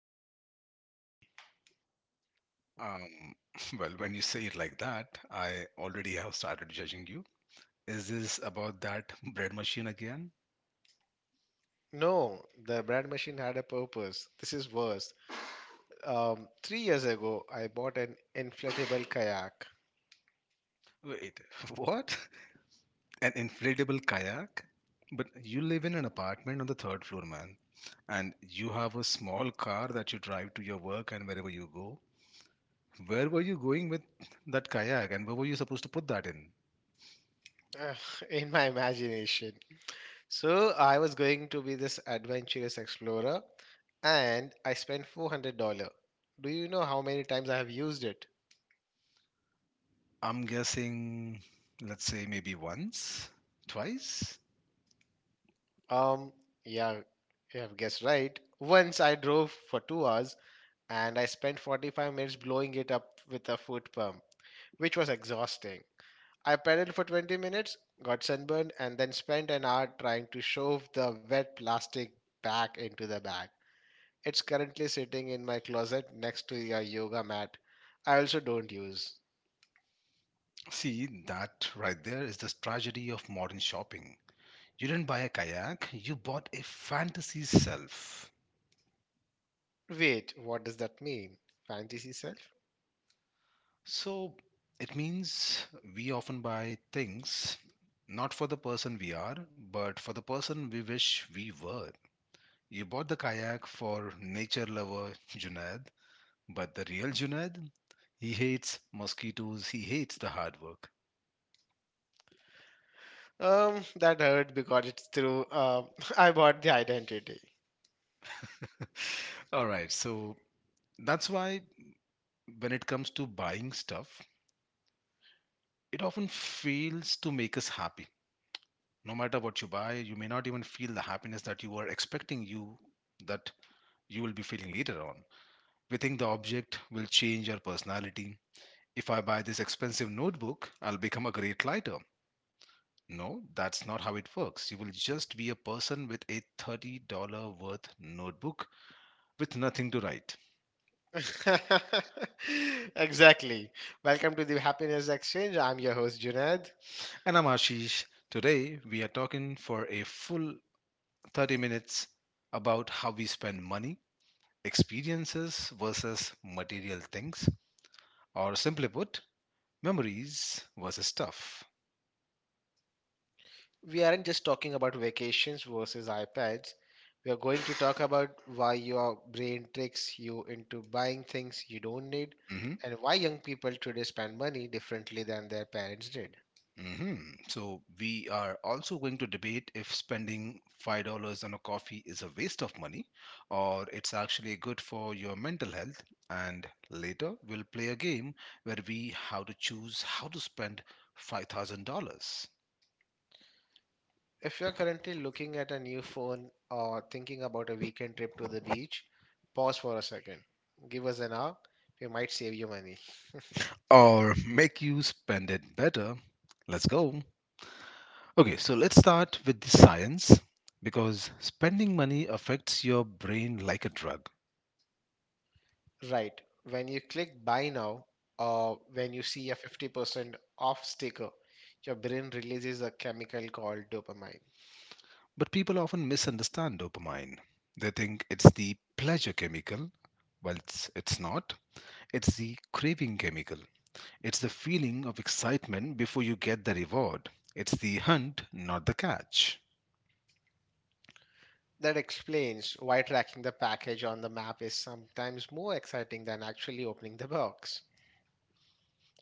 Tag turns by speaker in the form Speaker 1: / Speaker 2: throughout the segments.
Speaker 1: and please don't judge me.
Speaker 2: Um, well, when you say it like that, I already have started judging you. Is this about that bread machine again?
Speaker 1: No, the brand machine had a purpose. This is worse. 3 years ago, I bought an inflatable kayak.
Speaker 2: Wait, what? An inflatable kayak? But you live in an apartment on the third floor, man, and you have a small car that you drive to your work and wherever you go. Where were you going with that kayak, and where were you supposed to put that in?
Speaker 1: Ugh, in my imagination. So I was going to be this adventurous explorer, and I spent $400. Do you know how many times I have used it?
Speaker 2: I'm guessing, let's say maybe once, twice.
Speaker 1: Um, yeah, you have guessed right. Once I drove for 2 hours, and I spent 45 minutes blowing it up with a foot pump, which was exhausting. I pedaled for 20 minutes, got sunburned, and then spent an hour trying to shove the wet plastic back into the bag. It's currently sitting in my closet next to a yoga mat I also don't use.
Speaker 2: See, that right there is the tragedy of modern shopping. You didn't buy a kayak, you bought a fantasy self.
Speaker 1: Wait, what does that mean? Fantasy self?
Speaker 2: So it means we often buy things not for the person we are, but for the person we wish we were. You bought the kayak for nature lover Junaid, but the real Junaid, he hates mosquitoes, he hates the hard work.
Speaker 1: That hurt because it's through. I bought the identity.
Speaker 2: All right, so that's why when it comes to buying stuff, it often fails to make us happy. No matter what you buy, you may not even feel the happiness that you were expecting that you will be feeling later on. We think the object will change your personality. If I buy this expensive notebook, I'll become a great writer. No, that's not how it works. You will just be a person with a $30 worth notebook with nothing to write.
Speaker 1: Exactly. Welcome to the Happiness Exchange. I'm your host, Junaid.
Speaker 2: And I'm Ashish. Today we are talking for a full 30 minutes about how we spend money, experiences versus material things, or simply put, memories versus stuff.
Speaker 1: We aren't just talking about vacations versus iPads. We are going to talk about why your brain tricks you into buying things you don't need,
Speaker 2: Hmm.
Speaker 1: and why young people today spend money differently than their parents did.
Speaker 2: Hmm. So, we are also going to debate if spending $5 on a coffee is a waste of money or it's actually good for your mental health. And later, we'll play a game where we have to choose how to spend $5,000
Speaker 1: If you're currently looking at a new phone or thinking about a weekend trip to the beach, pause for a second. Give us an hour. We might save you money.
Speaker 2: or make you spend it better. Let's go. Okay, so let's start with the science because spending money affects your brain like a drug.
Speaker 1: Right. When you click buy now, or when you see a 50% off sticker, your brain releases a chemical called dopamine.
Speaker 2: But people often misunderstand dopamine. They think it's the pleasure chemical, well, it's not. It's the craving chemical. It's the feeling of excitement before you get the reward. It's the hunt, not the catch.
Speaker 1: That explains why tracking the package on the map is sometimes more exciting than actually opening the box.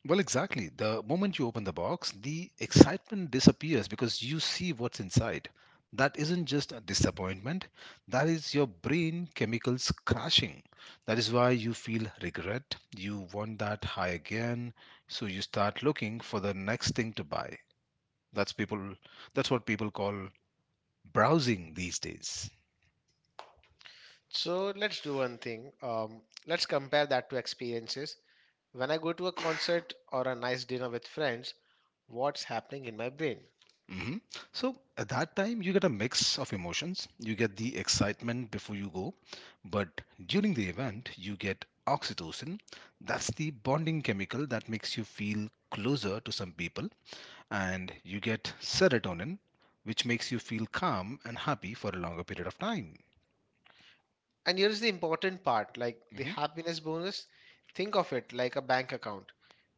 Speaker 2: Well, exactly. The moment you open the box, the excitement disappears because you see what's inside. That isn't just a disappointment, that is your brain chemicals crashing. That is why you feel regret. You want that high again, so you start looking for the next thing to buy. That's people that's what people call browsing these days.
Speaker 1: So let's do one thing. Let's compare that to experiences. When I go to a concert or a nice dinner with friends, what's happening in my brain?
Speaker 2: Hmm. So at that time, you get a mix of emotions. You get the excitement before you go, but during the event, you get oxytocin. That's the bonding chemical that makes you feel closer to some people, and you get serotonin, which makes you feel calm and happy for a longer period of time.
Speaker 1: And here's the important part, like the
Speaker 2: Hmm.
Speaker 1: happiness bonus. Think of it like a bank account.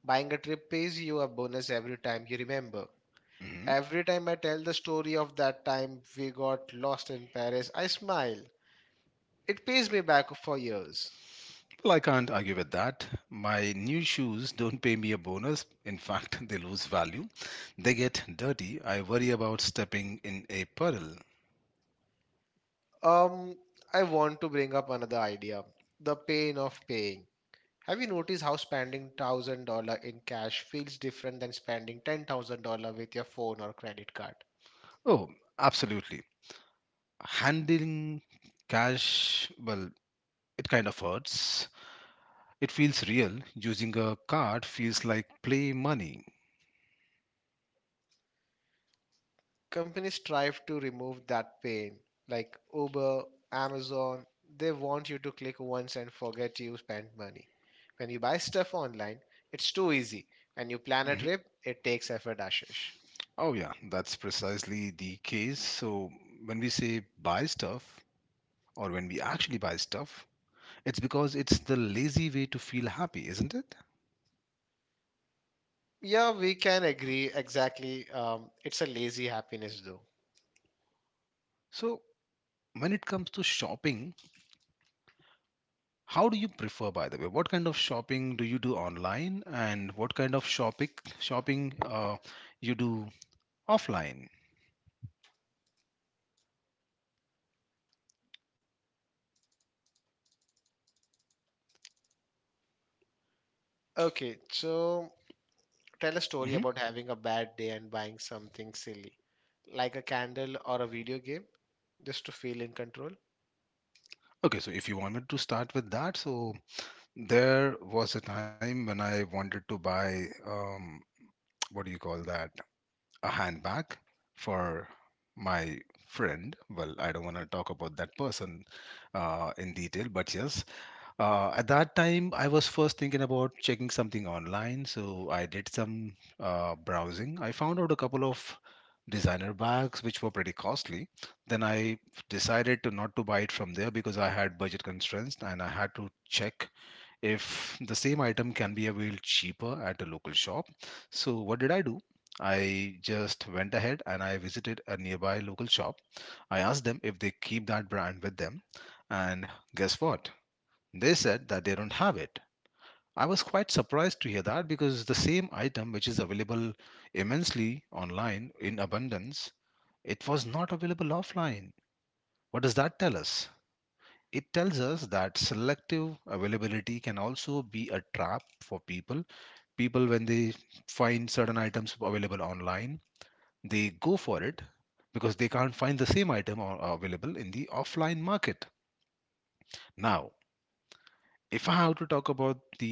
Speaker 1: Buying a trip pays you a bonus every time you remember.
Speaker 2: Hmm.
Speaker 1: Every time I tell the story of that time we got lost in Paris, I smile. It pays me back for years.
Speaker 2: Well, I can't argue with that. My new shoes don't pay me a bonus. In fact, they lose value. They get dirty. I worry about stepping in a puddle.
Speaker 1: Um, I want to bring up another idea, the pain of paying. Have you noticed how spending $1,000 in cash feels different than spending $10,000 with your phone or credit card?
Speaker 2: Oh, absolutely. Handling cash, well, it kind of hurts. It feels real. Using a card feels like play money.
Speaker 1: Companies strive to remove that pain, like Uber, Amazon. They want you to click once and forget you spent money. When you buy stuff online, it's too easy. When you plan a
Speaker 2: Mhm.
Speaker 1: trip, it takes effort, Ashish.
Speaker 2: Oh, yeah, that's precisely the case. So, when we say buy stuff, or when we actually buy stuff, it's because it's the lazy way to feel happy, isn't it?
Speaker 1: Yeah, we can agree exactly. It's a lazy happiness, though.
Speaker 2: So, when it comes to shopping, how do you prefer, by the way? What kind of shopping do you do online, and what kind of shopping you do offline?
Speaker 1: Okay, so tell a story
Speaker 2: Mhm.
Speaker 1: about having a bad day and buying something silly, like a candle or a video game, just to feel in control.
Speaker 2: Okay, so if you want me to start with that, so there was a time when I wanted to buy, what do you call that, a handbag for my friend. Well, I don't want to talk about that person in detail, but yes, at that time I was first thinking about checking something online, so I did some browsing. I found out a couple of designer bags which were pretty costly. Then I decided to not to buy it from there because I had budget constraints and I had to check if the same item can be availed cheaper at a local shop. So, what did I do? I just went ahead and I visited a nearby local shop. I asked them if they keep that brand with them, and guess what? They said that they don't have it. I was quite surprised to hear that because the same item which is available immensely online in abundance, it was not available offline. What does that tell us? It tells us that selective availability can also be a trap for people when they find certain items available online, they go for it because they can't find the same item or available in the offline market. Now, if I have to talk about the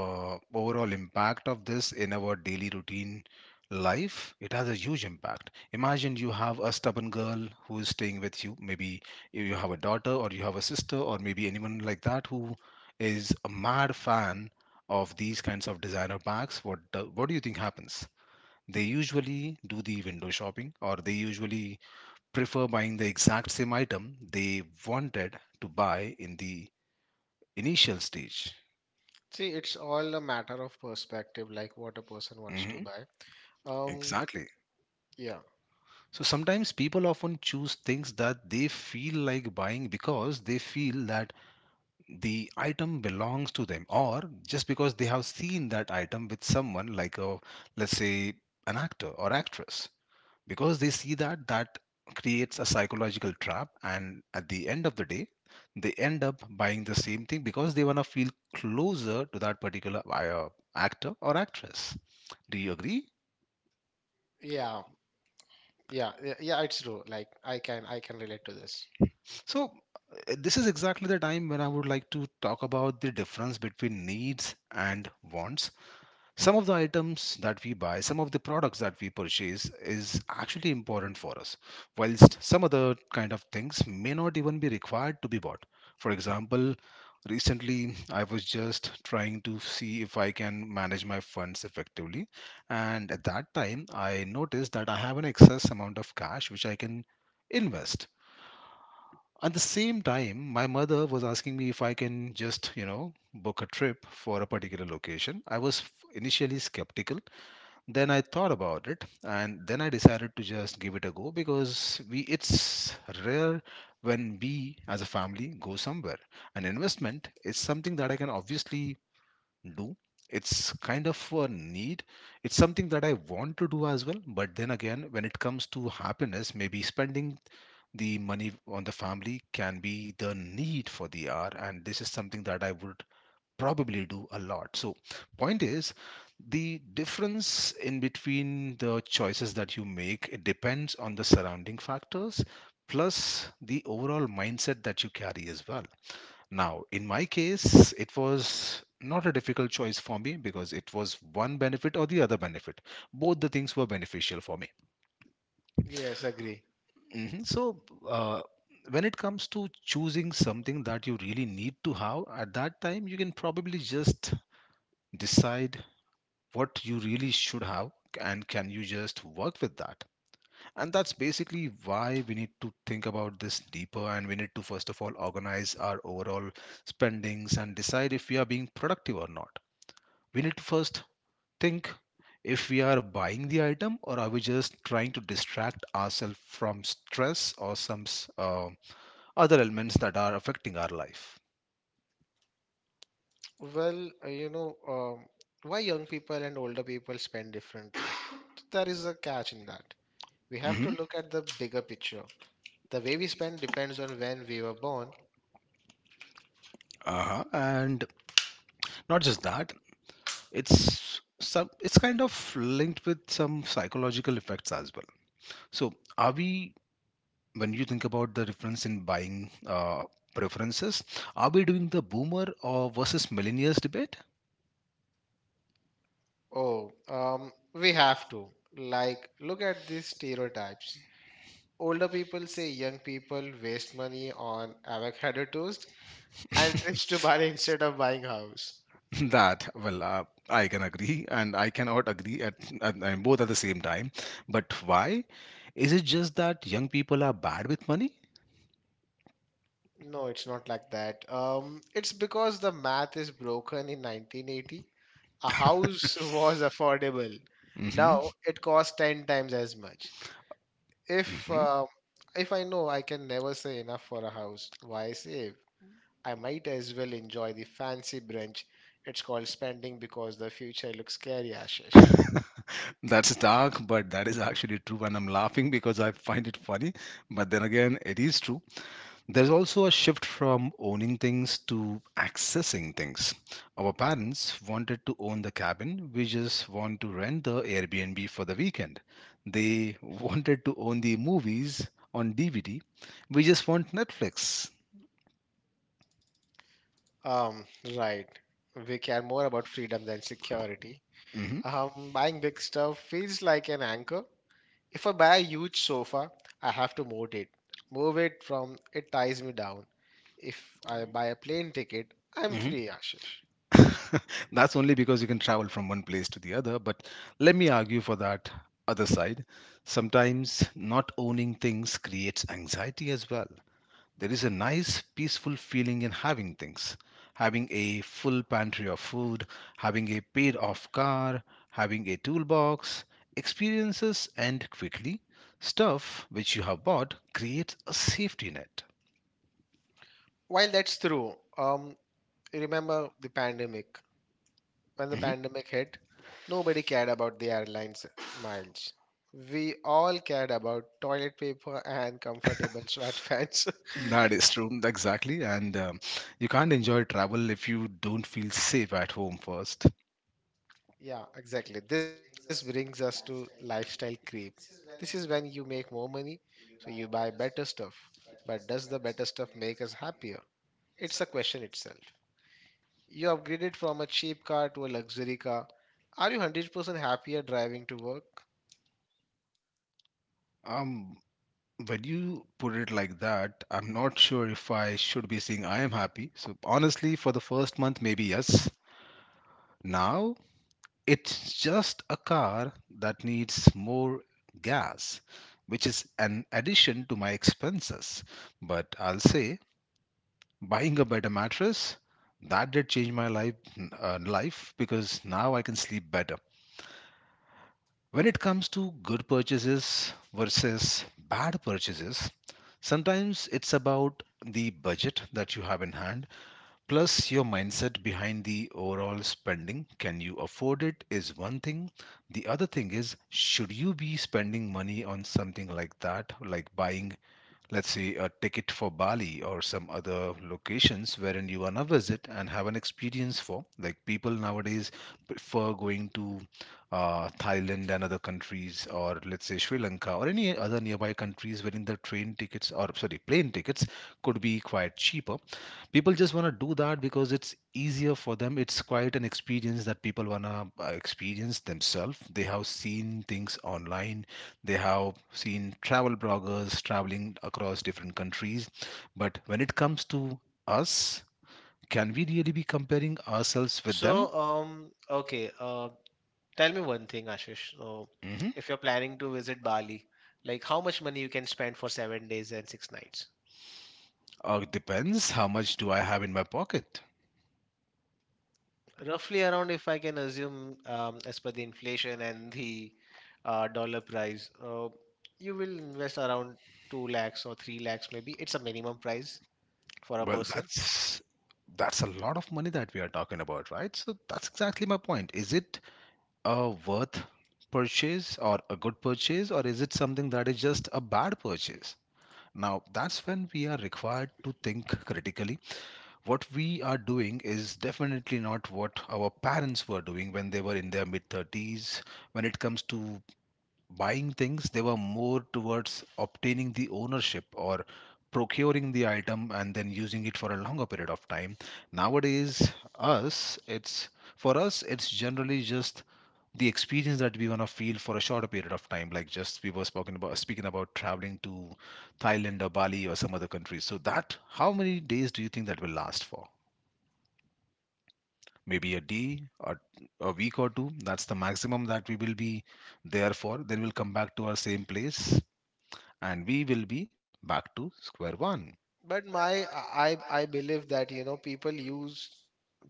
Speaker 2: overall impact of this in our daily routine life, it has a huge impact. Imagine you have a stubborn girl who is staying with you. Maybe you have a daughter or you have a sister or maybe anyone like that who is a mad fan of these kinds of designer bags. What do you think happens? They usually do the window shopping or they usually prefer buying the exact same item they wanted to buy in the initial stage.
Speaker 1: See, it's all a matter of perspective, like what a person wants to
Speaker 2: Mhm.
Speaker 1: buy. Um,
Speaker 2: Exactly.
Speaker 1: yeah,
Speaker 2: So sometimes people often choose things that they feel like buying because they feel that the item belongs to them or just because they have seen that item with someone, like, a let's say, an actor or actress. Because they see that creates a psychological trap, and at the end of the day they end up buying the same thing because they want to feel closer to that particular actor or actress. Do you agree?
Speaker 1: yeah, yeah, yeah, yeah, it's true. Like, I can relate to this.
Speaker 2: So this is exactly the time when I would like to talk about the difference between needs and wants. Some of the items that we buy, some of the products that we purchase is actually important for us, whilst some other kind of things may not even be required to be bought. For example, recently I was just trying to see if I can manage my funds effectively, and at that time I noticed that I have an excess amount of cash which I can invest. At the same time, my mother was asking me if I can just, you know, book a trip for a particular location. I was initially skeptical, then I thought about it, and then I decided to just give it a go because we it's rare when we as a family go somewhere. An investment is something that I can obviously do. It's kind of a need. It's something that I want to do as well. But then again, when it comes to happiness, maybe spending the money on the family can be the need for the hour. And this is something that I would probably do a lot. So point is, the difference in between the choices that you make, it depends on the surrounding factors plus the overall mindset that you carry as well. Now in my case, it was not a difficult choice for me because it was one benefit or the other benefit. Both the things were beneficial for me.
Speaker 1: Yes, agree.
Speaker 2: Mhm. So uh, when it comes to choosing something that you really need to have, at that time you can probably just decide what you really should have and can you just work with that. And that's basically why we need to think about this deeper, and we need to first of all organize our overall spendings and decide if we are being productive or not. We need to first think if we are buying the item or are we just trying to distract ourselves from stress or some uh, other elements that are affecting our life.
Speaker 1: Well, why young people and older people spend differently? There is a catch in that. We have to
Speaker 2: Hmm.
Speaker 1: look at the bigger picture. The way we spend depends on when we were born.
Speaker 2: Uh-huh. And not just that, it's some, it's kind of linked with some psychological effects as well. So are we, when you think about the difference in buying preferences, are we doing the boomer or versus millennials debate?
Speaker 1: Oh, we have to. Like, look at these stereotypes. Older people say young people waste money on avocado toast and trips to Bali instead of buying house.
Speaker 2: that well, I can agree and I cannot agree at both at the same time. But why, is it just that young people are bad with money?
Speaker 1: No, it's not like that. It's because the math is broken in 1980. A house was affordable.
Speaker 2: Hmm.
Speaker 1: Now it costs 10 times as much. If
Speaker 2: Hmm.
Speaker 1: um, if I know I can never say enough for a house, why save? I might as well enjoy the fancy brunch. It's called spending because the future looks scary, Ashish.
Speaker 2: That's dark, but that is actually true, and I'm laughing because I find it funny. But then again, it is true. There's also a shift from owning things to accessing things. Our parents wanted to own the cabin, we just want to rent the Airbnb for the weekend. They wanted to own the movies on DVD, we just want Netflix.
Speaker 1: Um, right. We care more about freedom than security.
Speaker 2: Hmm.
Speaker 1: Buying big stuff feels like an anchor. If I buy a huge sofa, I have to move it. Move it from It ties me down. If I buy a plane ticket, I'm
Speaker 2: Hmm.
Speaker 1: free, Ashish.
Speaker 2: That's only because you can travel from one place to the other, but let me argue for that other side. Sometimes not owning things creates anxiety as well. There is a nice, peaceful feeling in having things. Having a full pantry of food, having a paid off car, having a toolbox, experiences, and quickly, stuff which you have bought creates a safety net.
Speaker 1: While that's true, remember the pandemic. When the
Speaker 2: Mhm.
Speaker 1: pandemic hit, nobody cared about the airlines miles. We all cared about toilet paper and comfortable sweatpants.
Speaker 2: That is true, exactly. And You can't enjoy travel if you don't feel safe at home first.
Speaker 1: Yeah, exactly. This brings us to lifestyle creep. This is when you make more money, so you buy better stuff. But does the better stuff make us happier? It's a question itself. You upgraded from a cheap car to a luxury car. Are you 100% happier driving to work?
Speaker 2: Um, when you put it like that, I'm not sure if I should be saying I am happy. So honestly, for the first month, maybe yes. Now it's just a car that needs more gas, which is an addition to my expenses. But I'll say buying a better mattress that did change my life because now I can sleep better. When it comes to good purchases versus bad purchases, sometimes it's about the budget that you have in hand. Plus, your mindset behind the overall spending, can you afford it is one thing. The other thing is, should you be spending money on something like that, like buying, let's say, a ticket for Bali or some other locations wherein you wanna visit and have an experience for. Like, people nowadays prefer going to Thailand and other countries, or let's say Sri Lanka or any other nearby countries, wherein the train tickets or sorry plane tickets could be quite cheaper. People just wanna do that because it's easier for them. It's quite an experience that people wanna experience themselves. They have seen things online, they have seen travel bloggers traveling across different countries. But when it comes to us, can we really be comparing ourselves with them?
Speaker 1: So, okay. Tell me one thing, Ashish. So,
Speaker 2: Mm-hmm.
Speaker 1: if you're planning to visit Bali, like how much money you can spend for 7 days and 6 nights?
Speaker 2: It depends, how much do I have in my pocket?
Speaker 1: Roughly around, if I can assume, as per the inflation and the dollar price, you will invest around 2 lakhs or 3 lakhs, maybe. It's a minimum price for a
Speaker 2: Well,
Speaker 1: person.
Speaker 2: that's a lot of money that we are talking about, right? So that's exactly my point. Is it a worth purchase or a good purchase, or is it something that is just a bad purchase? Now, that's when we are required to think critically. What we are doing is definitely not what our parents were doing when they were in their mid 30s. When it comes to buying things, they were more towards obtaining the ownership or procuring the item and then using it for a longer period of time. Nowadays, us, it's for us, it's generally just the experience that we want to feel for a shorter period of time, like just we were spoken about speaking about traveling to Thailand or Bali or some other countries. So that, how many days do you think that will last for? Maybe a day or a week or two. That's the maximum that we will be there for. Then we'll come back to our same place and we will be back to square one.
Speaker 1: But my I believe that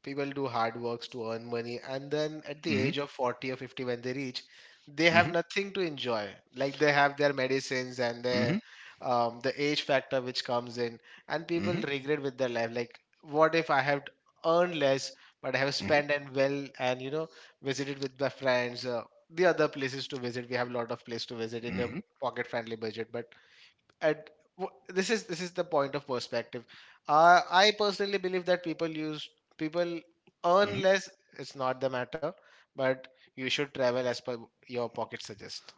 Speaker 1: people do hard works to earn money, and then at the
Speaker 2: Mhm,
Speaker 1: age of 40 or 50, when they reach, they have
Speaker 2: mhm,
Speaker 1: nothing to enjoy, like they have their medicines and
Speaker 2: mhm,
Speaker 1: the age factor which comes in, and people
Speaker 2: mhm,
Speaker 1: regret with their life, like what if I have earned less but I have
Speaker 2: mhm,
Speaker 1: spent, and, well, and visited with my friends, the other places to visit. We have a lot of place to visit in a
Speaker 2: mhm,
Speaker 1: pocket friendly budget, at this is the point of perspective. I personally believe that people
Speaker 2: mhm.
Speaker 1: earn less, it's not the matter, but you should travel as per your pocket suggest.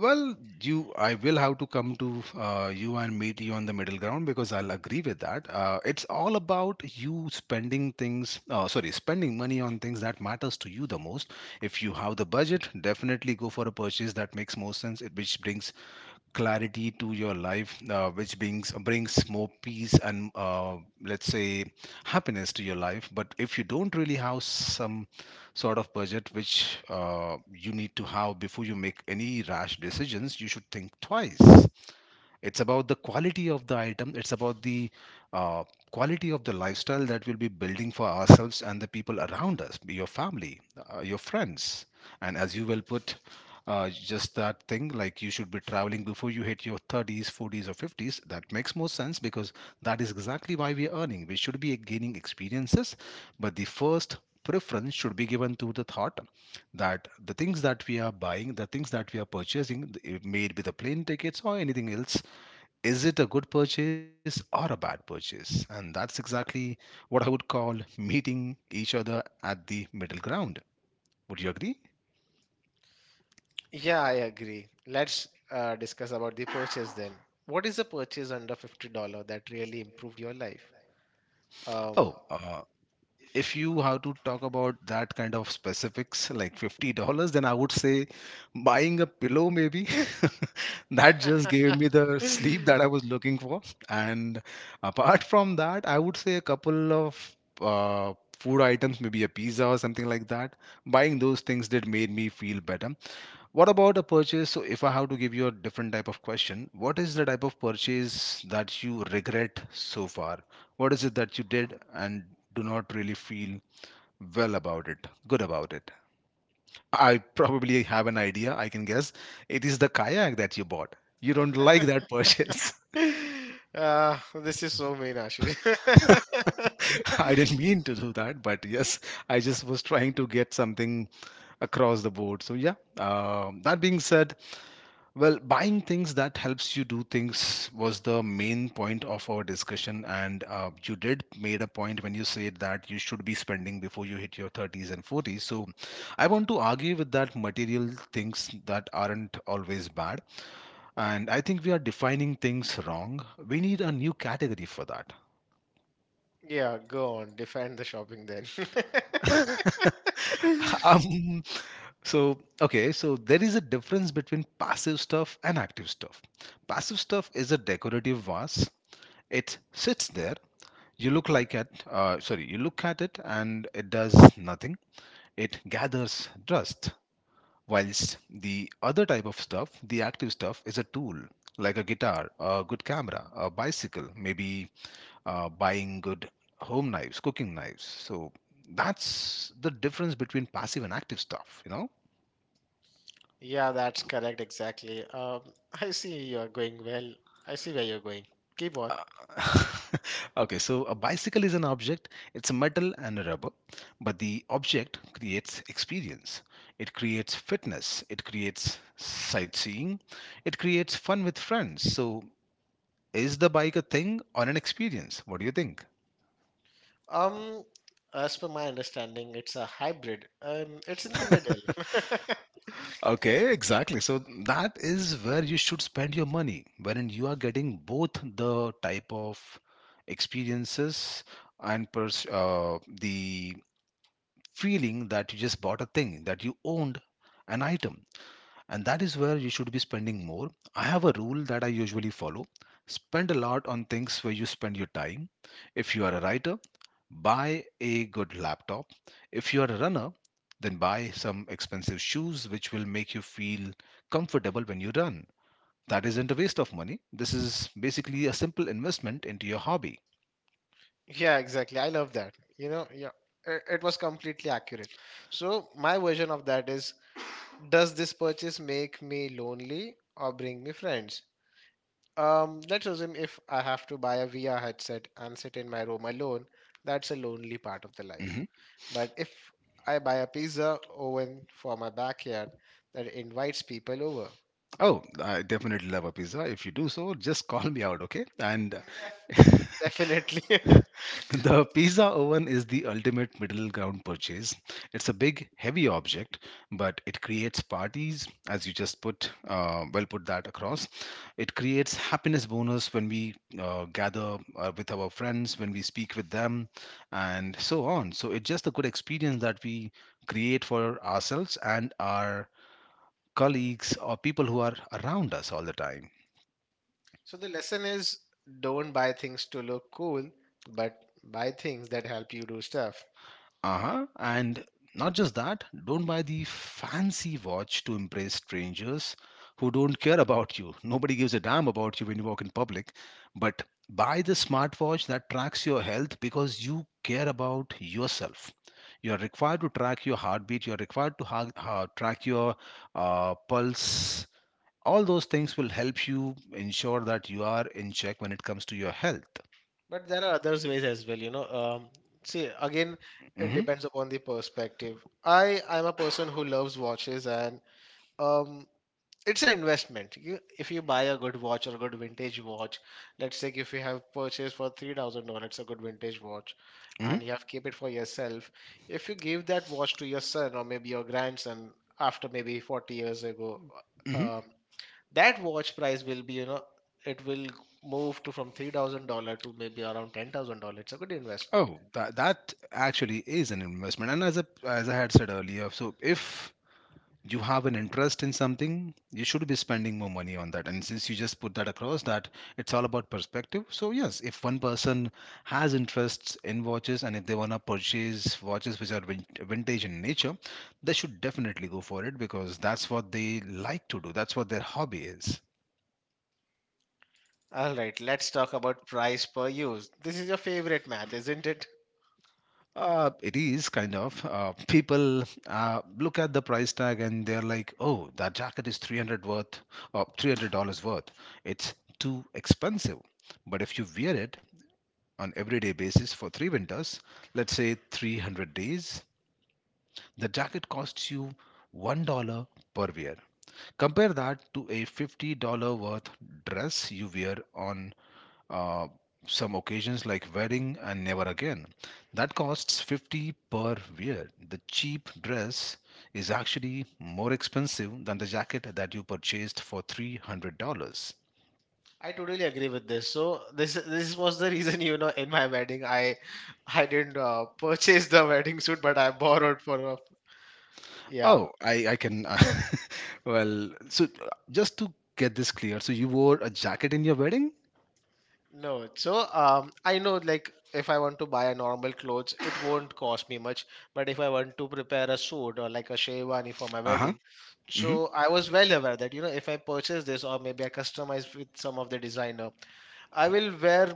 Speaker 2: Well, I will have to come to you and meet you on the middle ground because I'll agree with that. It's all about you spending spending money on things that matters to you the most. If you have the budget, definitely go for a purchase that makes more which brings clarity to your life, which brings more peace and, let's say, happiness to your life. But if you don't really have some sort of budget which, you need to have before you make any rash decisions, you should think twice. It's about the quality of the item, it's about the, uh, quality of the lifestyle that we'll be building for ourselves and the people around us, your family, your friends, and as you well put, just that thing, like, you should be traveling before you hit your 30s, 40s, or 50s. That makes more sense because that is exactly why we are earning, we should be gaining experiences. But the first preference should be given to the thought that the things that we are buying, the things that we are purchasing, it may be the plane tickets or anything else, is it a good purchase or a bad purchase? And that's exactly what I would call meeting each other at the middle ground. Would you agree?
Speaker 1: Yeah, I agree. Let's discuss about the purchase, then. What is a purchase under $50 that really improved your life?
Speaker 2: Oh,
Speaker 1: um,
Speaker 2: if you have to talk about that kind of specifics, like $50, then I would say buying a pillow, maybe. That just gave me the sleep that I was looking for. And apart from that, I would say a couple of food items, maybe a pizza or something like that. Buying those things did made me feel better. What about a purchase? So, if I have to give you a different type of question, what is the type of purchase that you regret so far? What is it that you did and do not really feel well about it, good about it? I probably have an idea. I can guess it is the kayak that you bought. You don't like that purchase.
Speaker 1: this is so mean, Ashish.
Speaker 2: I didn't mean to do that, but yes, I just was trying to get something across the board. So, yeah, that being said, well, buying things that helps you do things was the main point of our discussion, and, you did made a point when you said that you should be spending before you hit your 30s and 40s. So, I want to argue with that, material things that aren't always bad, and I think we are defining things wrong. We need a new category for that.
Speaker 1: Yeah, go on. Define the shopping then.
Speaker 2: um, okay, so there is a difference between passive stuff and active stuff. Passive stuff is a decorative vase. It sits there. You look at it and it does nothing, it gathers dust. Whilst the other type of stuff, the active stuff, is a tool, like a guitar, a good camera, a bicycle, maybe, buying good home knives, cooking knives. So that's the difference between passive and active stuff, you know.
Speaker 1: Yeah, that's correct. Exactly. I see you're going well. I see where you're going. Keep on.
Speaker 2: uh, Okay, so a bicycle is an object, it's a metal and a rubber, but the object creates experience. It creates fitness, it creates sightseeing, it creates fun with friends. So, is the bike a thing or an experience? What do you think?
Speaker 1: Um, as per my understanding, it's a hybrid. It's in the middle.
Speaker 2: Okay, exactly. So, that is where you should spend your money, wherein you are getting both the type of experiences and the feeling that you just bought a thing, that you owned an item, and that is where you should be spending more. I have a rule that I usually follow: spend a lot on things where you spend your time. If you are a writer, buy a good laptop. If you are a runner, then buy some expensive shoes which will make you feel comfortable when you run. That isn't a waste of money. This is basically a simple investment into your hobby.
Speaker 1: Yeah, exactly. I love that. You know, yeah, it was completely accurate. So my version of that is, does this purchase make me lonely or bring me friends? Let's assume if I have to buy a VR headset and sit in my room alone, that's a lonely part of the life.
Speaker 2: Hmm.
Speaker 1: But if I buy a pizza oven for my backyard that invites people over.
Speaker 2: Oh, I definitely love a pizza. If you do so, just call me out, okay? And
Speaker 1: Def- Definitely.
Speaker 2: the pizza oven is the ultimate middle ground purchase. It's a big, heavy object, but it creates parties, as you just put, well put that across. It creates happiness bonus when we, gather, with our friends, when we speak with them, and so on. So it's just a good experience that we create for ourselves and our colleagues or people who are around us all the time.
Speaker 1: So the lesson is, don't buy things to look cool, but buy things that help you do stuff.
Speaker 2: Uh-huh. And not just that, don't buy the fancy watch to impress strangers who don't care about you. Nobody gives a damn about you when you walk in public. But buy the smartwatch that tracks your health because you care about yourself. You are required to track your heartbeat. You are required to track your, pulse. All those things will help you ensure that you are in check when it comes to your health.
Speaker 1: But there are others ways as well, See, again, it
Speaker 2: Hmm,
Speaker 1: depends upon the perspective. I'm a person who loves watches, and um it's an investment. If you buy a good watch or a good vintage watch, let's say if you have purchased for $3,000 a good vintage watch
Speaker 2: hmm,
Speaker 1: and you have kept it for yourself, if you give that watch to your son or maybe your grandson after maybe 40 years ago,
Speaker 2: hmm.
Speaker 1: um, that watch price will be, it will move to from $3,000 to maybe around $10,000. It's a good investment.
Speaker 2: Oh, that that actually is an investment. And as a as I had said earlier, so if you have an interest in something, you should be spending more money on that. And since you just put that across that it's all about perspective. So yes, if one person has interests in watches and if they wanna purchase watches which are vintage in nature, they should definitely go for it because that's what they like to do. That's what their hobby is.
Speaker 1: All right, let's talk about price per use. This is your favorite math, isn't it?
Speaker 2: It is kind of. People, look at the price tag and they're like, "Oh, that jacket is 300 worth, or $300 worth. It's too expensive." But if you wear it on everyday basis for three winters, let's say 300 days, the jacket costs you $1 per wear. Compare that to a $50 worth dress you wear on, uh, some occasions like wedding and never again, that costs 50 per wear. The cheap dress is actually more expensive than the jacket that you purchased for $300.
Speaker 1: I totally agree with this. So this was the reason, in my wedding I didn't purchase the wedding suit, but I borrowed for a, yeah.
Speaker 2: I can well, so, just to get this clear, so you wore a jacket in your wedding?
Speaker 1: No, so I know, like if I want to buy a normal clothes, it won't cost me much. But if I want to prepare a suit or like a sherwani for my
Speaker 2: Uh-huh.
Speaker 1: wedding, so
Speaker 2: Hmm.
Speaker 1: I was well aware that, if I purchase this or maybe I customize with some of the designer, I will wear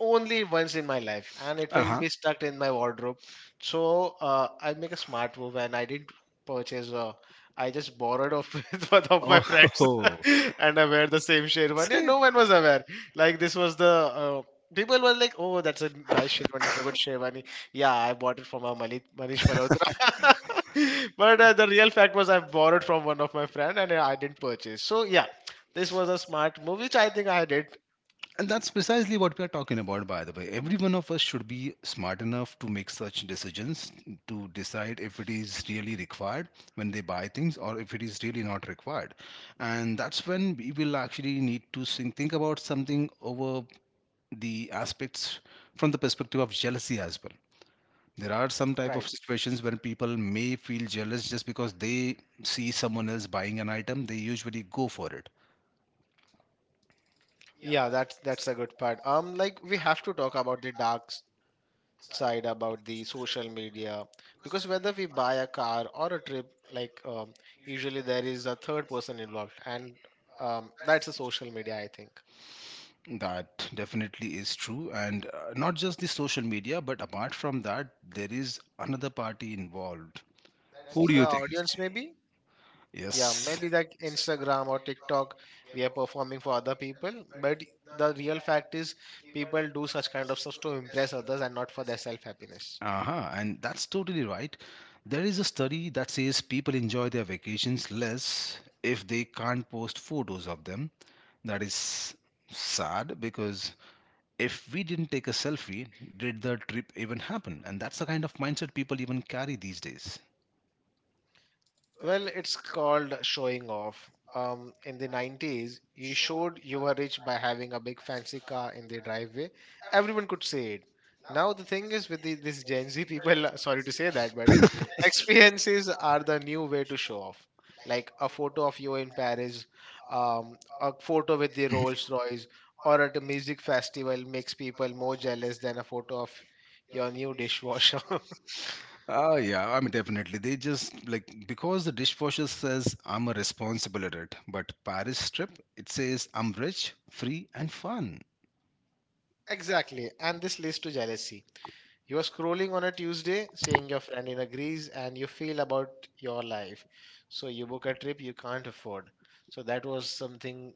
Speaker 1: only once in my life, and it will
Speaker 2: Uh-huh.
Speaker 1: be stuck in my wardrobe. So I make a smart move, and I didn't purchase. I just borrowed off with one of my friends.
Speaker 2: Oh,
Speaker 1: And I wear the same sherwani, and
Speaker 2: see,
Speaker 1: no one was aware. Like, this was the uh, people were like, oh, that's a nice sherwani, it's a good sherwani. Yeah, I bought it from a Manish Malhotra. But the real fact was I borrowed from one of my friend, and I didn't purchase, so yeah, this was a smart move, which I think I did
Speaker 2: and that's precisely what we are talking about, by the way. Every one of us should be smart enough to make such decisions to decide if it is really required when they buy things or if it is really not required. And that's when we will actually need to think about something over the aspects from the perspective of jealousy as well. There are some type
Speaker 1: right.
Speaker 2: of situations when people may feel jealous just because they see someone else buying an item they usually go for it.
Speaker 1: Yeah, that's a good part. Like, we have to talk about the dark side about the social media, because whether we buy a car or a trip, like, usually there is a third person involved, and, that's a social media, I think.
Speaker 2: That definitely is true and not just the social media, but apart from that there is another party involved. Who
Speaker 1: That's
Speaker 2: do
Speaker 1: the
Speaker 2: you think?
Speaker 1: audience, maybe. Yeah,
Speaker 2: Yes.
Speaker 1: maybe like Instagram or TikTok, we are performing for other people, but the real fact is people do such kind of stuff to impress others and not for their self happiness.
Speaker 2: Uh-huh. And that's totally right. There is a study that says people enjoy their vacations less if they can't post photos of them. That is sad because if we didn't take a selfie, did the trip even happen? And that's the kind of mindset people even carry these days.
Speaker 1: Well, it's called showing off. In the 90s, you showed you were rich by having a big fancy car in the driveway. Everyone could say it. Now, the thing is with this Gen Z people, sorry to say that, but experiences are the new way to show off. Like a photo of you in Paris, a photo with the
Speaker 2: Mhm.
Speaker 1: Rolls Royce, or at a music festival makes people more jealous than a photo of your new dishwasher.
Speaker 2: Ah, yeah, I mean, definitely. They just like because the dishwasher says I'm a responsible adult, but Paris trip, it says I'm rich, free, and fun.
Speaker 1: Exactly, and this leads to jealousy. You are scrolling on a Tuesday, seeing your friend in a grease, and you feel about your life. So you book a trip you can't afford. So that was something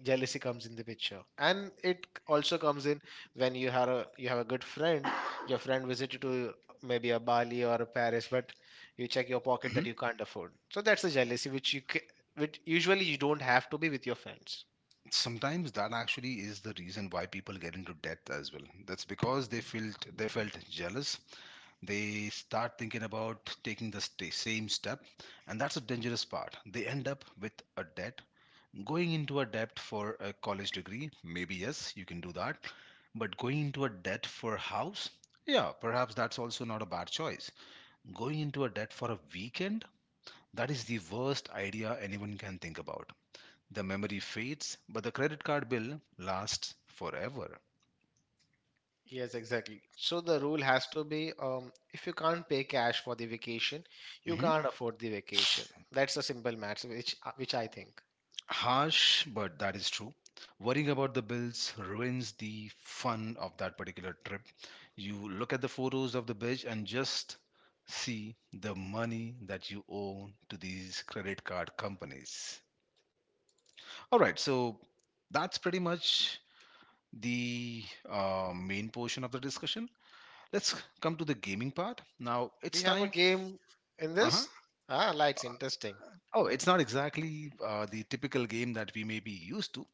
Speaker 1: jealousy comes in the picture, and it also comes in when you have a good friend. Your friend visited to maybe a Bali or a Paris, but you check your pocket
Speaker 2: Mhm.
Speaker 1: that you can't afford. So that's the jealousy which usually you don't have to be with your friends.
Speaker 2: Sometimes that actually is the reason why people get into debt as well. That's because they felt jealous. They start thinking about taking the same step, and that's a dangerous part. They end up with a debt. Going into a debt for a college degree, maybe yes, you can do that. But going into a debt for a house, yeah, perhaps that's also not a bad choice. Going into a debt for a weekend, that is the worst idea anyone can think about. The memory fades, but the credit card bill lasts forever.
Speaker 1: Yes, exactly. So the rule has to be, if you can't pay cash for the vacation, you
Speaker 2: Mhm.
Speaker 1: can't afford the vacation. That's a simple math, which I think.
Speaker 2: Harsh, but that is true. Worrying about the bills ruins the fun of that particular trip. You look at the photos of the beach and just see the money that you owe to these credit card companies. All right, so that's pretty much the main portion of the discussion. Let's come to the gaming part. Now
Speaker 1: We
Speaker 2: it's
Speaker 1: have a
Speaker 2: time.
Speaker 1: game in
Speaker 2: Uh huh.
Speaker 1: this. Ah, lights interesting.
Speaker 2: Oh, it's not exactly the typical game that we may be used to,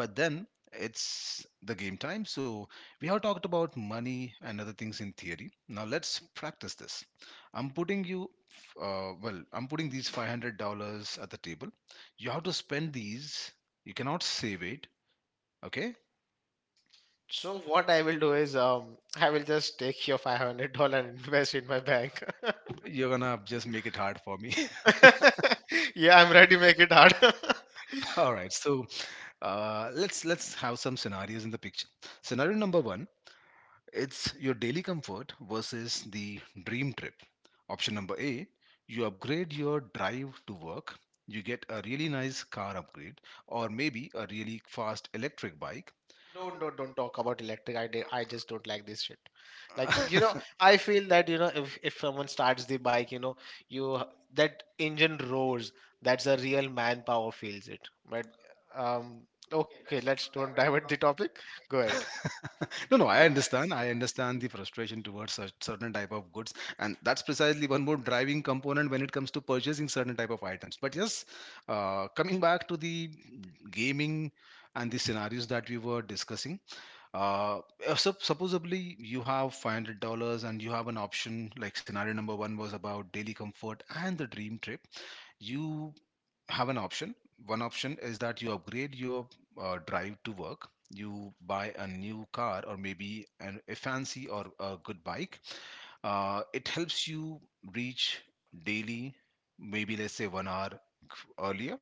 Speaker 2: but then it's the game time. So we have talked about money and other things in theory. Now let's practice this. I'm putting you, I'm putting these $500 at the table. You have to spend these. You cannot save it. Okay.
Speaker 1: So what I will do is, I will just take your 500 dollar and invest in my bank.
Speaker 2: You're gonna just make it hard for me.
Speaker 1: Yeah, I'm ready to make it hard.
Speaker 2: All right. So let's have some scenarios in the picture. Scenario number one. It's your daily comfort versus the dream trip. Option number A, you upgrade your drive to work. You get a really nice car upgrade or maybe a really fast electric bike.
Speaker 1: Don't talk about electric. I did, I just don't like this shit. Like, you know, I feel that you know if someone starts the bike, you know, you h- that engine roars. That's a real manpower feels it. But, um, okay, let's don't divert the topic. Go ahead.
Speaker 2: no, no, I understand. I understand the frustration towards such certain type of goods. And that's precisely one more driving component when it comes to purchasing certain type of items. But yes, coming back to the gaming and the scenarios that we were discussing, uh supposedly you have $500 and you have an option. Like, scenario number one was about daily comfort and the dream trip. You have an option. One option is that you upgrade your drive to work, you buy a new car or maybe a fancy or a good bike. It helps you reach daily maybe let's say 1 hour earlier.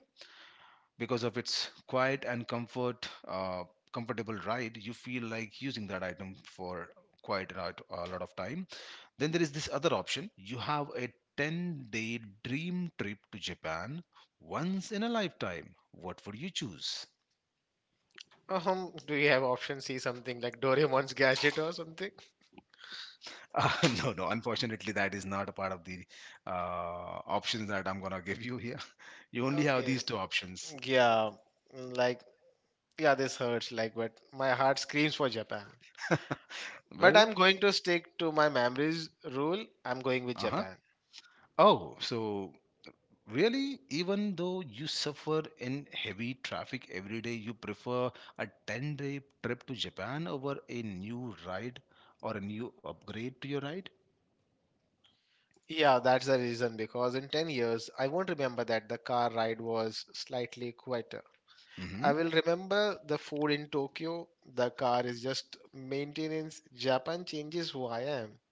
Speaker 2: Because of its quiet and comfort, comfortable ride, you feel like using that item for a lot of time. Then there is this other option. You have a 10-day dream trip to Japan, once in a lifetime. What would you choose?
Speaker 1: Do you have option C something like Doraemon's gadget or something?
Speaker 2: uh, no unfortunately, that is not a part of the options that I'm gonna give you here. You only have
Speaker 1: Okay.
Speaker 2: these two options.
Speaker 1: Yeah, like yeah, this hurts. Like, but my heart screams for Japan. But
Speaker 2: Well.
Speaker 1: I'm going to stick to my memories rule. I'm going with
Speaker 2: Uh-huh.
Speaker 1: Japan.
Speaker 2: Oh, so really, even though you suffer in heavy traffic every day, you prefer a 10-day trip to Japan over a new ride or a new upgrade to your ride?
Speaker 1: Yeah, that's the reason because in 10 years, I won't remember that the car ride was slightly quieter.
Speaker 2: Hmm.
Speaker 1: I will remember the food in Tokyo. The car is just maintenance. Japan changes who I am.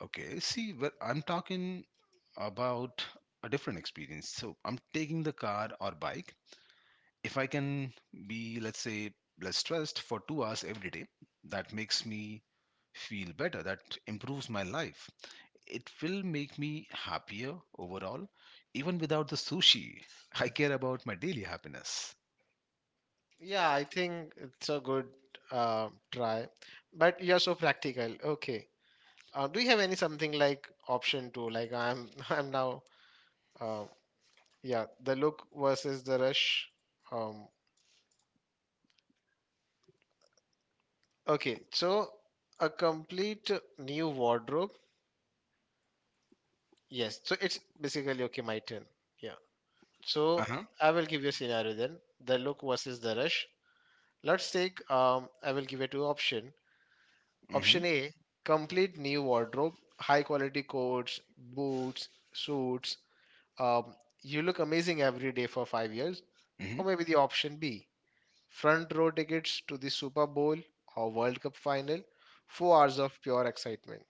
Speaker 2: Okay, see, well, I'm talking about a different experience. So I'm taking the car or bike. If I can be, let's say, less stressed for 2 hours every day, that makes me feel better. That improves my life. It will make me happier overall. Even without the sushi, I care about my daily happiness.
Speaker 1: Yeah, I think it's a good try. But you're so practical. Okay. Do you have any something like option two? I'm now. Uh, yeah, the look versus the rush. Um, Okay, so a complete new wardrobe. Yes, so it's basically okay, my turn. Yeah,
Speaker 2: Uh
Speaker 1: so
Speaker 2: huh.
Speaker 1: I will give you a scenario then the look versus the rush. Let's take, I will give you two option.
Speaker 2: Hmm.
Speaker 1: Option A, complete new wardrobe, high quality coats, boots, suits. Um, you look amazing every day for 5 years,
Speaker 2: Hmm.
Speaker 1: or maybe the option B, front row tickets to the Super Bowl or World Cup final, 4 hours of pure excitement.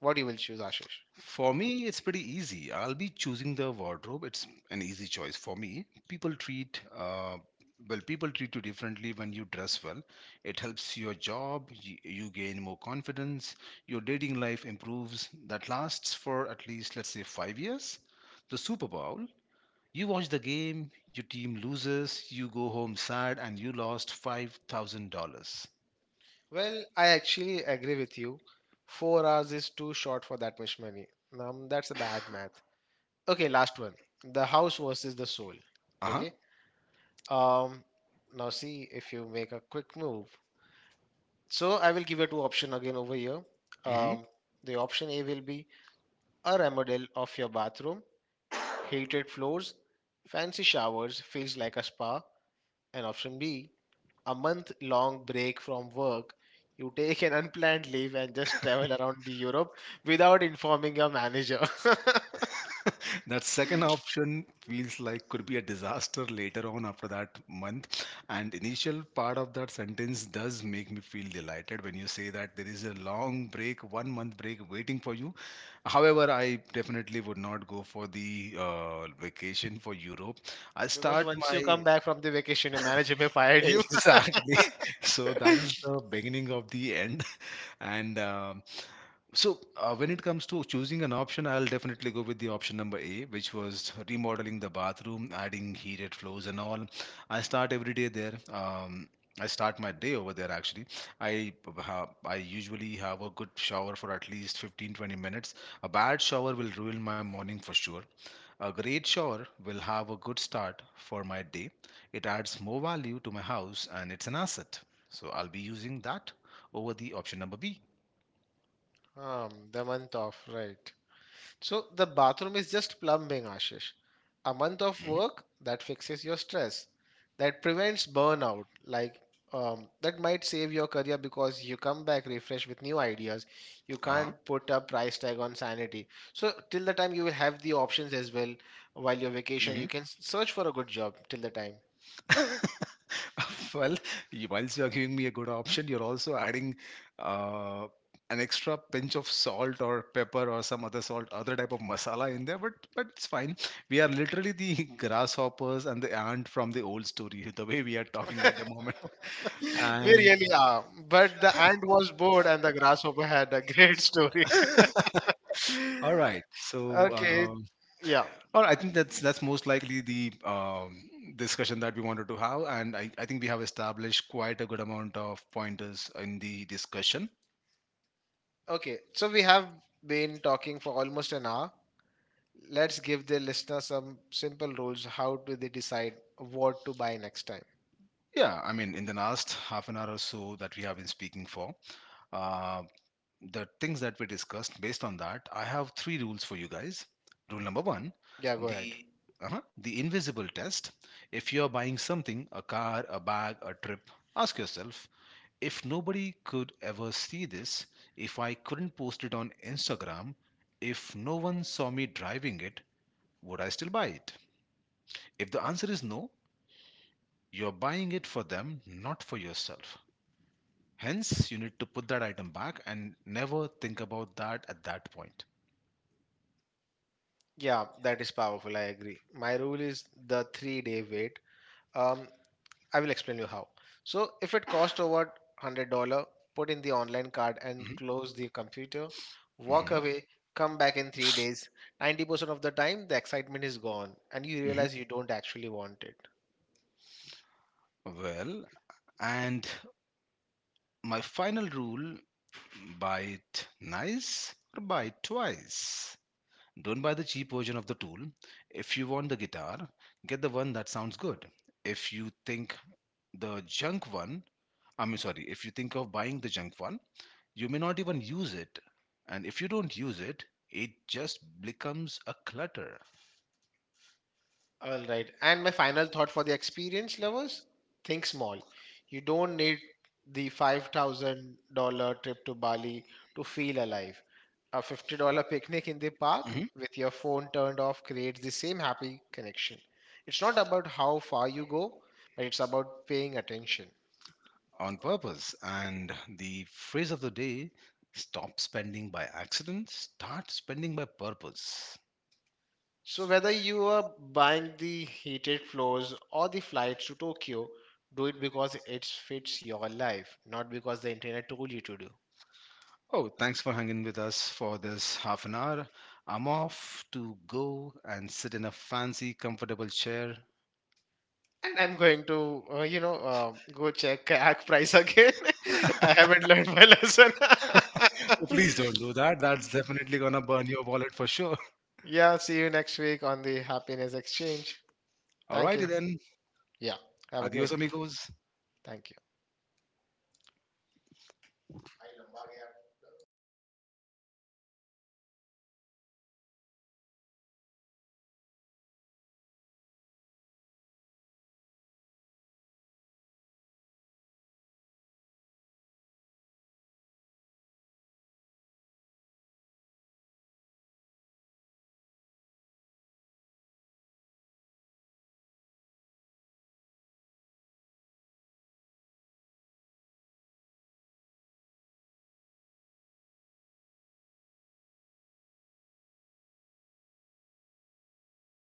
Speaker 1: What you will choose, Ashish?
Speaker 2: For me, it's pretty easy. I'll be choosing the wardrobe. It's an easy choice for me. People treat People treat you differently when you dress well. It helps your job. You gain more confidence. Your dating life improves. That lasts for at least let's say 5 years. The Super Bowl, you watch the game, your team loses, you go home sad, and you lost $5,000.
Speaker 1: Well, I actually agree with you. 4 hours is too short for that much money. That's a bad math. Okay, last one. The house versus the soul.
Speaker 2: Uh huh.
Speaker 1: Okay. Um, Now see if you make a quick move. So I will give you two option again over here.
Speaker 2: Hmm.
Speaker 1: Um, the option A will be a remodel of your bathroom. Heated floors, fancy showers, feels like a spa. And option B, a month long break from work. You take an unplanned leave and just travel around the Europe without informing your manager.
Speaker 2: That second option feels like could be a disaster later on after that month. And initial part of that sentence does make me feel delighted when you say that there is a long break, 1 month break waiting for you. However, I definitely would not go for the vacation for Europe. I
Speaker 1: Because
Speaker 2: start
Speaker 1: once you
Speaker 2: my
Speaker 1: come back from the vacation, your manager may fire you.
Speaker 2: exactly. So that is the beginning of the end. And so, when it comes to choosing an option, I'll definitely go with the option number A, which was remodeling the bathroom, adding heated floors and all. I start every day there. I start my day over there actually. I usually have a good shower for at least 15 20 minutes. A bad shower will ruin my morning for sure. A great shower will have a good start for my day. It adds more value to my house and it's an asset. So I'll be using that over the option number B.
Speaker 1: The month off, right. So the bathroom is just plumbing, Ashish. A month of
Speaker 2: Hmm.
Speaker 1: work that fixes your stress, that prevents burnout, like, that might save your career because you come back refreshed with new ideas. You
Speaker 2: Uh-huh.
Speaker 1: can't put a price tag on sanity. So till the time you will have the options as well. While you're vacation,
Speaker 2: Hmm.
Speaker 1: search for a good job till the time.
Speaker 2: Well, whilst you're giving me a good option, you're also adding uh, an extra pinch of salt or pepper or some other salt, other type of masala in there, but it's fine. We are literally the grasshoppers and the ant from the old story, the way we are talking at the moment.
Speaker 1: We
Speaker 2: And
Speaker 1: really are. But the ant was bored and the grasshopper had a great story.
Speaker 2: all right, so
Speaker 1: Okay, yeah.
Speaker 2: or I think that's most likely the discussion that we wanted to have, and I think we have established quite a good amount of pointers in the discussion.
Speaker 1: Okay, so we have been talking for almost an hour. Let's give the listener some simple rules how do they decide what to buy next time.
Speaker 2: Yeah, I mean, in the last half an hour or so that we have been speaking for, uh, the things that we discussed based on that, I have three rules for you guys. Rule number one,
Speaker 1: Yeah, go ahead.
Speaker 2: the the invisible test. If you're buying something, a car, a bag, a trip, ask yourself, if nobody could ever see this, if I couldn't post it on Instagram, if no one saw me driving it, would I still buy it? If the answer is no, you're buying it for them, not for yourself. Hence, you need to put that item back and never think about that at that point.
Speaker 1: Yeah, that is powerful. I agree. My rule is the 3 day wait. Um, I will explain you how. So if it cost over $100, put in the online card and
Speaker 2: Mhm,
Speaker 1: close the computer, walk
Speaker 2: mhm,
Speaker 1: away, come back in 3 days. 90% of the time the excitement is gone and you
Speaker 2: mhm.
Speaker 1: realize you don't actually want it.
Speaker 2: Well, and my final rule, buy it nice or buy it twice. Don't buy the cheap version of the tool. If you want the guitar, get the one that sounds good. If you think the junk one, I mean, sorry, if you think of buying the junk one, you may not even use it. And if you don't use it, it just becomes a clutter.
Speaker 1: All right. And my final thought for the experience lovers, think small. You don't need the $5,000 trip to Bali to feel alive. A $50 picnic in the park
Speaker 2: Mhm.
Speaker 1: with your phone turned off creates the same happy connection. It's not about how far you go, but it's about paying attention.
Speaker 2: On purpose. And the phrase of the day, stop spending by accident, start spending by purpose.
Speaker 1: So, whether you are buying the heated floors or the flights to Tokyo, do it because it fits your life, not because the internet told you to do.
Speaker 2: Oh, thanks for hanging with us for this half an hour. I'm off to go and sit in a fancy, comfortable chair.
Speaker 1: And I'm going to, go check kayak price again. I haven't learned my lesson.
Speaker 2: Oh, please don't do that. That's definitely gonna burn your wallet for sure.
Speaker 1: Yeah, see you next week on the happiness exchange. Thank you.
Speaker 2: Alrighty then.
Speaker 1: Yeah, have a great
Speaker 2: Adios,
Speaker 1: day.
Speaker 2: amigos.
Speaker 1: Thank you.